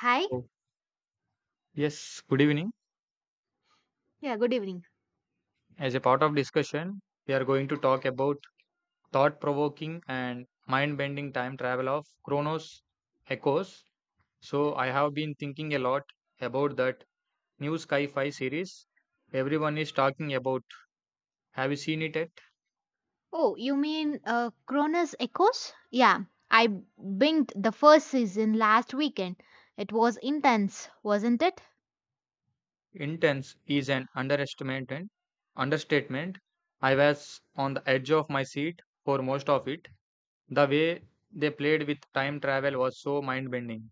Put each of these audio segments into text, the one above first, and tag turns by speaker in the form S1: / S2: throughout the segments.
S1: Hi.
S2: So, yes, good evening.
S1: Yeah, good evening.
S2: As a part of discussion, we are going to talk about thought-provoking and mind-bending time travel of Chronos Echoes. So, I have been thinking a lot about that new sci-fi series everyone is talking about. Have you seen it yet?
S1: Oh, you mean Cronus Echoes? Yeah, I binged the first season last weekend. It was intense, wasn't it?
S2: Intense is an underestimate and understatement. I was on the edge of my seat for most of it. The way they played with time travel was so mind-bending.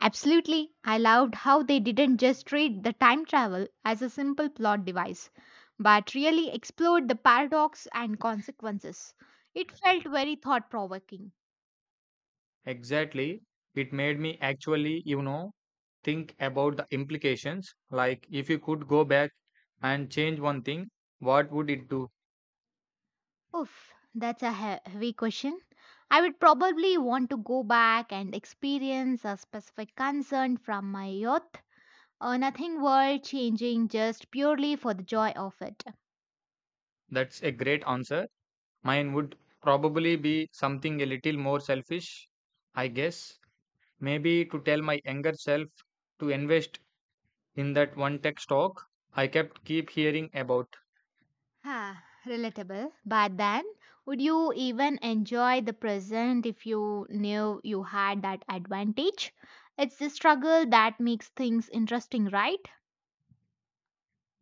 S1: Absolutely. I loved how they didn't just treat the time travel as a simple plot device, but really explored the paradox and consequences. It felt very thought provoking.
S2: Exactly. It made me actually, think about the implications. Like, if you could go back and change one thing, what would it do?
S1: Oof, that's a heavy question. I would probably want to go back and experience a specific concern from my youth. Nothing world changing, just purely for the joy of it.
S2: That's a great answer. Mine would probably be something a little more selfish, I guess. Maybe to tell my younger self to invest in that one tech stock I kept keep hearing about.
S1: Huh, relatable. But then, would you even enjoy the present if you knew you had that advantage? It's the struggle that makes things interesting, right?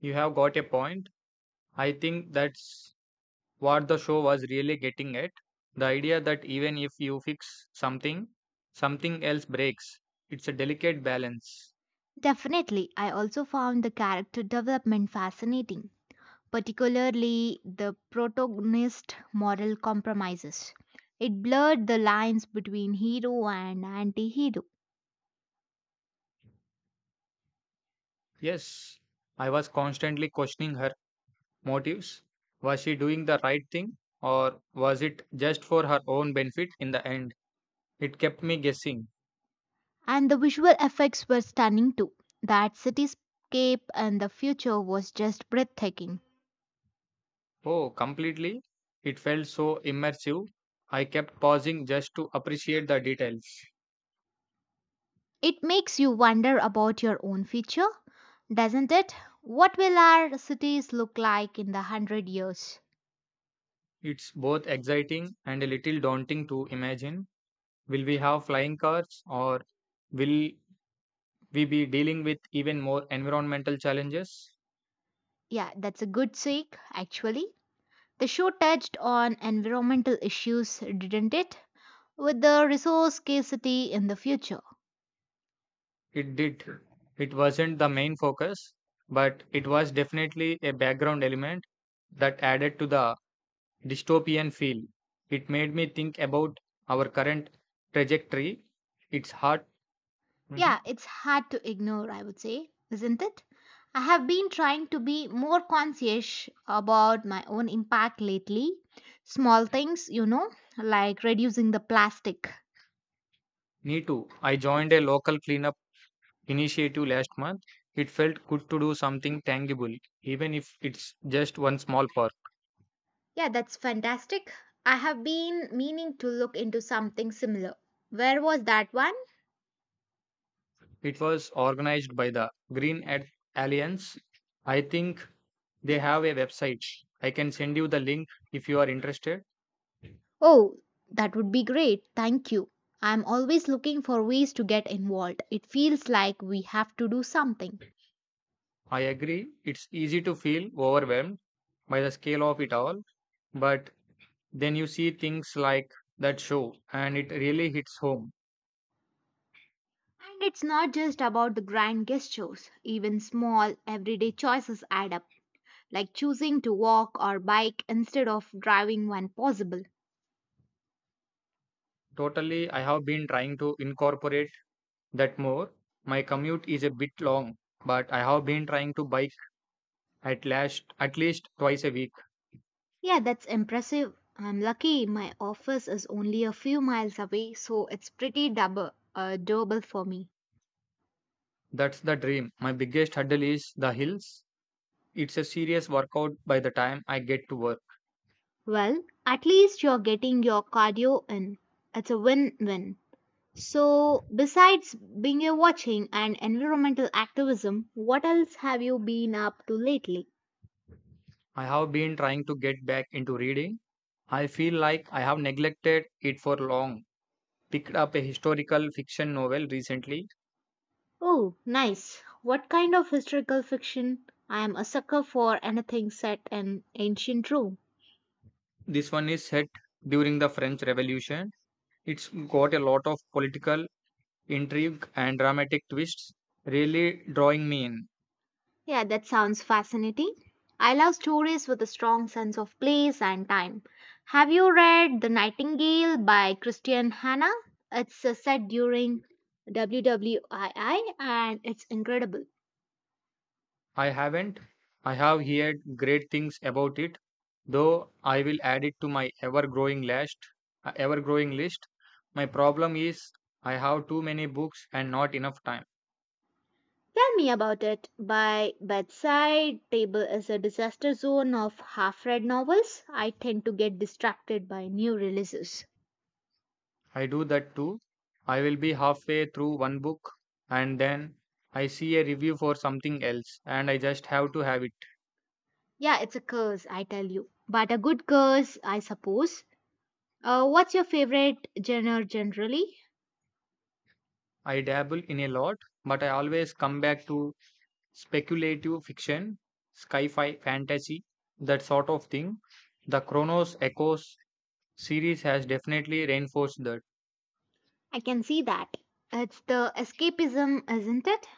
S2: You have got a point. I think that's what the show was really getting at. The idea that even if you fix something, something else breaks. It's a delicate balance.
S1: Definitely. I also found the character development fascinating, particularly the protagonist moral compromises. It blurred the lines between hero and anti hero.
S2: Yes, I was constantly questioning her motives. Was she doing the right thing, or was it just for her own benefit in the end? It kept me guessing.
S1: And the visual effects were stunning too. That cityscape and the future was just breathtaking.
S2: Oh, completely. It felt so immersive. I kept pausing just to appreciate the details.
S1: It makes you wonder about your own future, doesn't it? What will our cities look like in the hundred years?
S2: It's both exciting and a little daunting to imagine. Will we have flying cars, or will we be dealing with even more environmental challenges?
S1: Yeah, that's a good take, actually. The show touched on environmental issues, didn't it? With the resource scarcity in the future.
S2: It did. It wasn't the main focus, but it was definitely a background element that added to the dystopian feel. It made me think about our current trajectory. It's hard. Mhm.
S1: Yeah, it's hard to ignore, I would say, isn't it? I have been trying to be more conscious about my own impact lately. Small things, like reducing the plastic.
S2: Me too. I joined a local cleanup initiative last month. It felt good to do something tangible, even if it's just one small part.
S1: Yeah, that's fantastic. I have been meaning to look into something similar. Where was that one?
S2: It was organized by the Green Earth Alliance. I think they have a website. I can send you the link if you are interested.
S1: Oh, that would be great. Thank you. I'm always looking for ways to get involved. It feels like we have to do something.
S2: I agree, it's easy to feel overwhelmed by the scale of it all, but then you see things like that show and it really hits home.
S1: And it's not just about the grand gestures, even small, everyday choices add up, like choosing to walk or bike instead of driving when possible.
S2: Totally, I have been trying to incorporate that more. My commute is a bit long, but I have been trying to bike at least twice a week.
S1: Yeah, that's impressive. I'm lucky my office is only a few miles away, so it's pretty doable for me.
S2: That's the dream. My biggest hurdle is the hills. It's a serious workout by the time I get to work.
S1: Well, at least you're getting your cardio in. It's a win win. So, besides being a watching and environmental activism, what else have you been up to lately?
S2: I have been trying to get back into reading. I feel like I have neglected it for long. Picked up a historical fiction novel recently.
S1: Oh, nice. What kind of historical fiction? I am a sucker for anything set in ancient Rome.
S2: This one is set during the French Revolution. It's got a lot of political intrigue and dramatic twists, really drawing me in.
S1: Yeah, that sounds fascinating. I love stories with a strong sense of place and time. Have you read The Nightingale by Christian Hanna? It's set during WWII and it's incredible.
S2: I haven't. I have heard great things about it, though I will add it to my ever-growing list. My problem is I have too many books and not enough time.
S1: Tell me about it. By bedside table is a disaster zone of half-read novels. I tend to get distracted by new releases.
S2: I do that too. I will be halfway through one book and then I see a review for something else and I just have to have it.
S1: Yeah, it's a curse, I tell you. But a good curse, I suppose. What's your favorite genre generally?
S2: I dabble in a lot, but I always come back to speculative fiction, sci-fi fantasy, that sort of thing. The Chronos Echoes series has definitely reinforced that
S1: I can see that. It's the escapism, isn't it?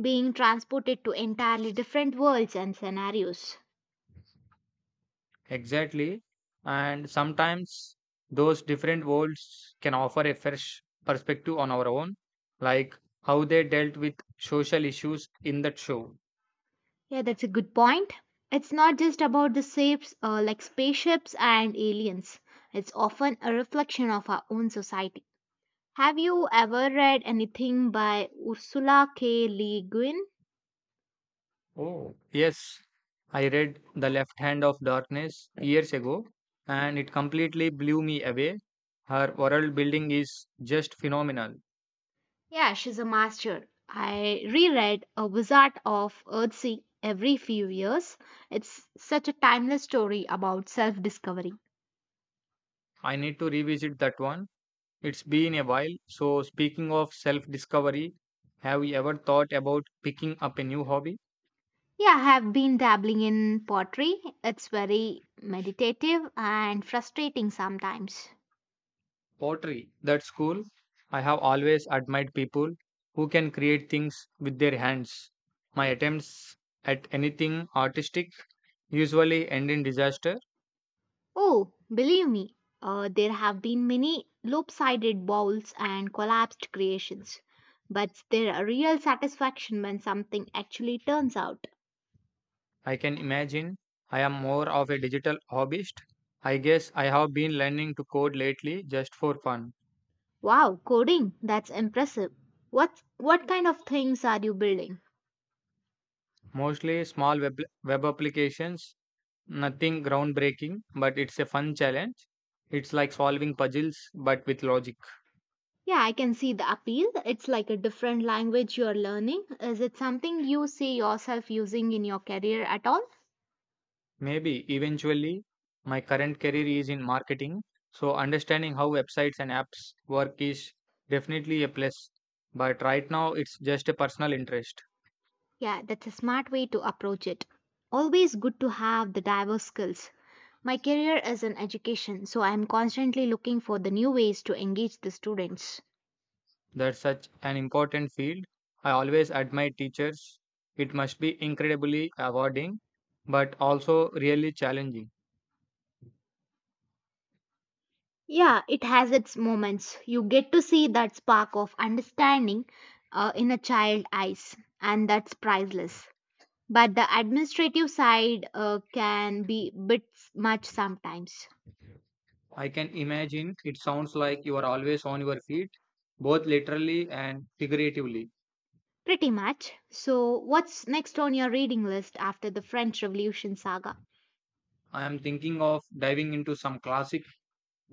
S1: Being transported to entirely different worlds and scenarios.
S2: exactly, and sometimes those different worlds can offer a fresh perspective on our own, like how they dealt with social issues in that show.
S1: Yeah, that's a good point. It's not just about the shapes like spaceships and aliens. It's often a reflection of our own society. Have you ever read anything by Ursula K. Le Guin?
S2: Oh, yes, I read The Left Hand of Darkness years ago and it completely blew me away. Her world building is just phenomenal.
S1: Yeah, she's a master. I reread A Wizard of Earthsea every few years. It's such a timeless story about self discovery.
S2: I need to revisit that one. It's been a while. So, speaking of self discovery, have you ever thought about picking up a new hobby?
S1: Yeah, I have been dabbling in pottery. It's very meditative and frustrating sometimes.
S2: Pottery. That's cool. I have always admired people who can create things with their hands. My attempts at anything artistic usually end in disaster.
S1: Oh, believe me, there have been many lopsided bowls and collapsed creations. But there are real satisfaction when something actually turns out.
S2: I can imagine. I am more of a digital hobbyist. I guess I have been learning to code lately just for fun,
S1: Wow, coding. That's impressive. What kind of things are you building?
S2: mostly small web applications. Nothing groundbreaking, but it's a fun challenge. It's like solving puzzles, but with logic.
S1: Yeah, I can see the appeal. It's like a different language you're learning. Is it something you see yourself using in your career at all?
S2: Maybe eventually, my current career is in marketing, so understanding how websites and apps work is definitely a plus. But right now, it's just a personal interest.
S1: Yeah, that's a smart way to approach it. Always good to have the diverse skills. My career is in education, so I'm constantly looking for the new ways to engage the students.
S2: That's such an important field. I always admire teachers. It must be incredibly rewarding, but also really challenging.
S1: Yeah, it has its moments. You get to see that spark of understanding in a child eyes, and that's priceless. But the administrative side can be bit much sometimes.
S2: I can imagine. It sounds like you are always on your feet, both literally and figuratively.
S1: Pretty much. So, what's next on your reading list after the French Revolution saga?
S2: I am thinking of diving into some classic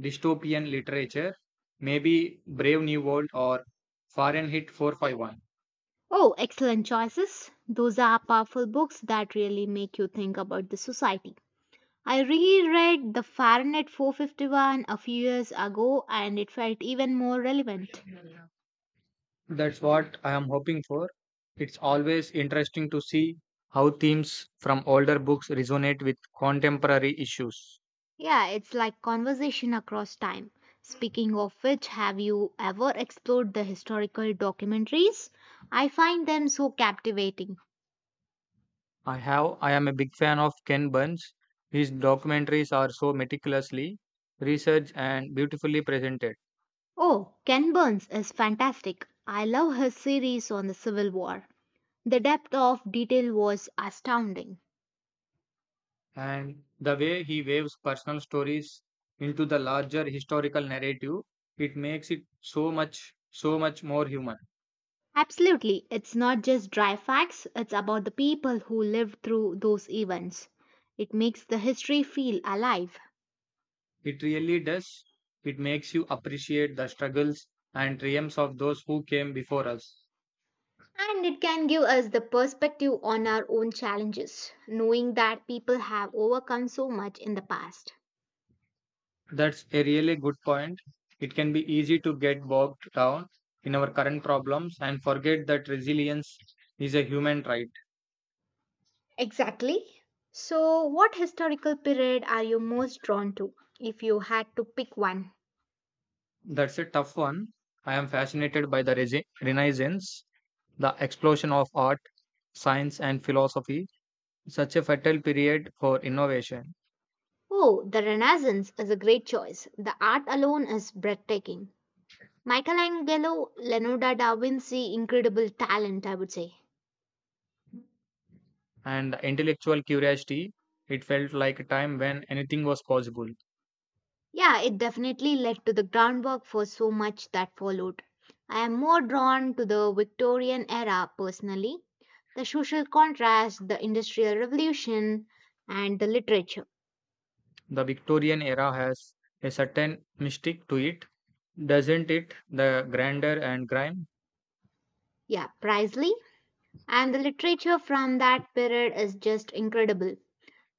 S2: dystopian literature, maybe Brave New World or Fahrenheit 451.
S1: Oh, excellent choices. Those are powerful books that really make you think about the society. I reread the Fahrenheit 451 a few years ago and it felt even more relevant.
S2: That's what I am hoping for. It's always interesting to see how themes from older books resonate with contemporary issues.
S1: Yeah, it's like conversation across time. Speaking of which, have you ever explored the historical documentaries? I find them so captivating.
S2: I have. I am a big fan of Ken Burns. His documentaries are so meticulously researched and beautifully presented,
S1: Oh, Ken Burns is fantastic. I love his series on the Civil War. The depth of detail was astounding.
S2: and the way he waves personal stories into the larger historical narrative, it makes it so much more human.
S1: Absolutely, it's not just dry facts, it's about the people who lived through those events. It makes the history feel alive.
S2: It really does. It makes you appreciate the struggles and triumphs of those who came before us.
S1: And it can give us the perspective on our own challenges, knowing that people have overcome so much in the past.
S2: That's a really good point. It can be easy to get bogged down in our current problems and forget that resilience is a human right.
S1: Exactly. So, what historical period are you most drawn to if you had to pick one?
S2: That's a tough one. I am fascinated by the Renaissance, the explosion of art, science, and philosophy, such a fertile period for innovation
S1: Oh, the Renaissance is a great choice. The art alone is breathtaking. Michelangelo, Leonardo da Vinci, incredible talent, I would say.
S2: and intellectual curiosity. It felt like a time when anything was possible.
S1: Yeah, it definitely led to the groundwork for so much that followed. I am more drawn to the Victorian era personally, the social contrast, the Industrial Revolution, and the literature.
S2: The Victorian era has a certain mystic to it, doesn't it? The grandeur and grime.
S1: Yeah, Priestley and the literature from that period is just incredible.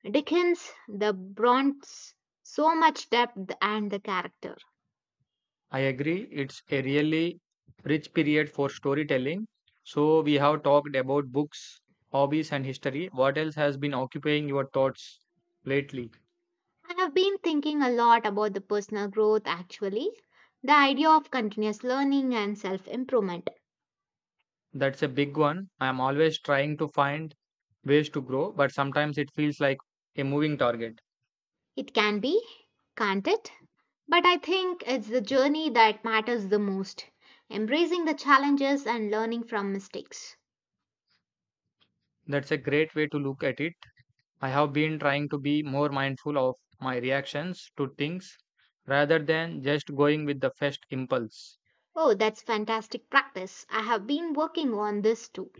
S1: Dickens, the Brontes, so much depth and the character.
S2: I agree. It's a really rich period for storytelling. So we have talked about books, hobbies, and history. What else has been occupying your thoughts lately?
S1: I have been thinking a lot about the personal growth actually, the idea of continuous learning and self improvement.
S2: That's a big one. I am always trying to find ways to grow, but sometimes it feels like a moving target.
S1: It can be, can't it? But I think it's the journey that matters the most, embracing the challenges and learning from mistakes.
S2: That's a great way to look at it. I have been trying to be more mindful of my reactions to things rather than just going with the first impulse.
S1: Oh, that's fantastic practice. I have been working on this too.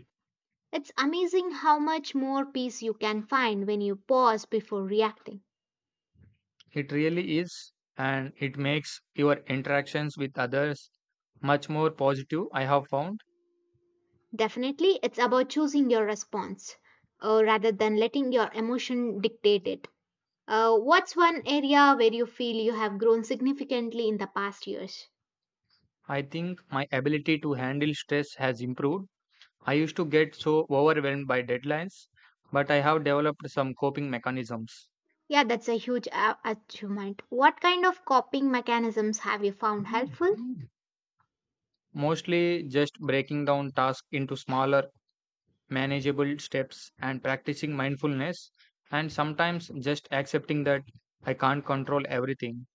S1: It's amazing how much more peace you can find when you pause before reacting.
S2: It really is, and it makes your interactions with others much more positive, I have found.
S1: Definitely, it's about choosing your response rather than letting your emotion dictate it. What's one area where you feel you have grown significantly in the past years?
S2: I think my ability to handle stress has improved. I used to get so overwhelmed by deadlines, but I have developed some coping mechanisms.
S1: Yeah, that's a huge achievement. What kind of coping mechanisms have you found helpful?
S2: Mostly just breaking down tasks into smaller, manageable steps and practicing mindfulness, and sometimes just accepting that I can't control everything.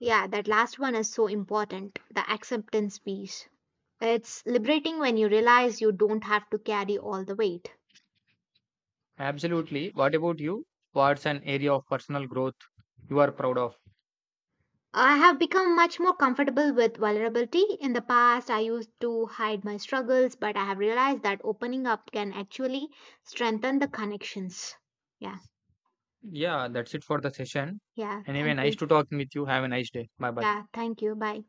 S1: Yeah, that last one is so important the acceptance piece. It's liberating when you realize you don't have to carry all the weight.
S2: Absolutely. What about you? What's an area of personal growth you are proud of?
S1: I have become much more comfortable with vulnerability. In the past, I used to hide my struggles, but I have realized that opening up can actually strengthen the connections. Yeah,
S2: Yeah, that's it for the session.
S1: yeah,
S2: Anyway,
S1: thank
S2: nice
S1: you.
S2: to talking with you. Have a nice day. Bye bye.
S1: Yeah, thank you. Bye.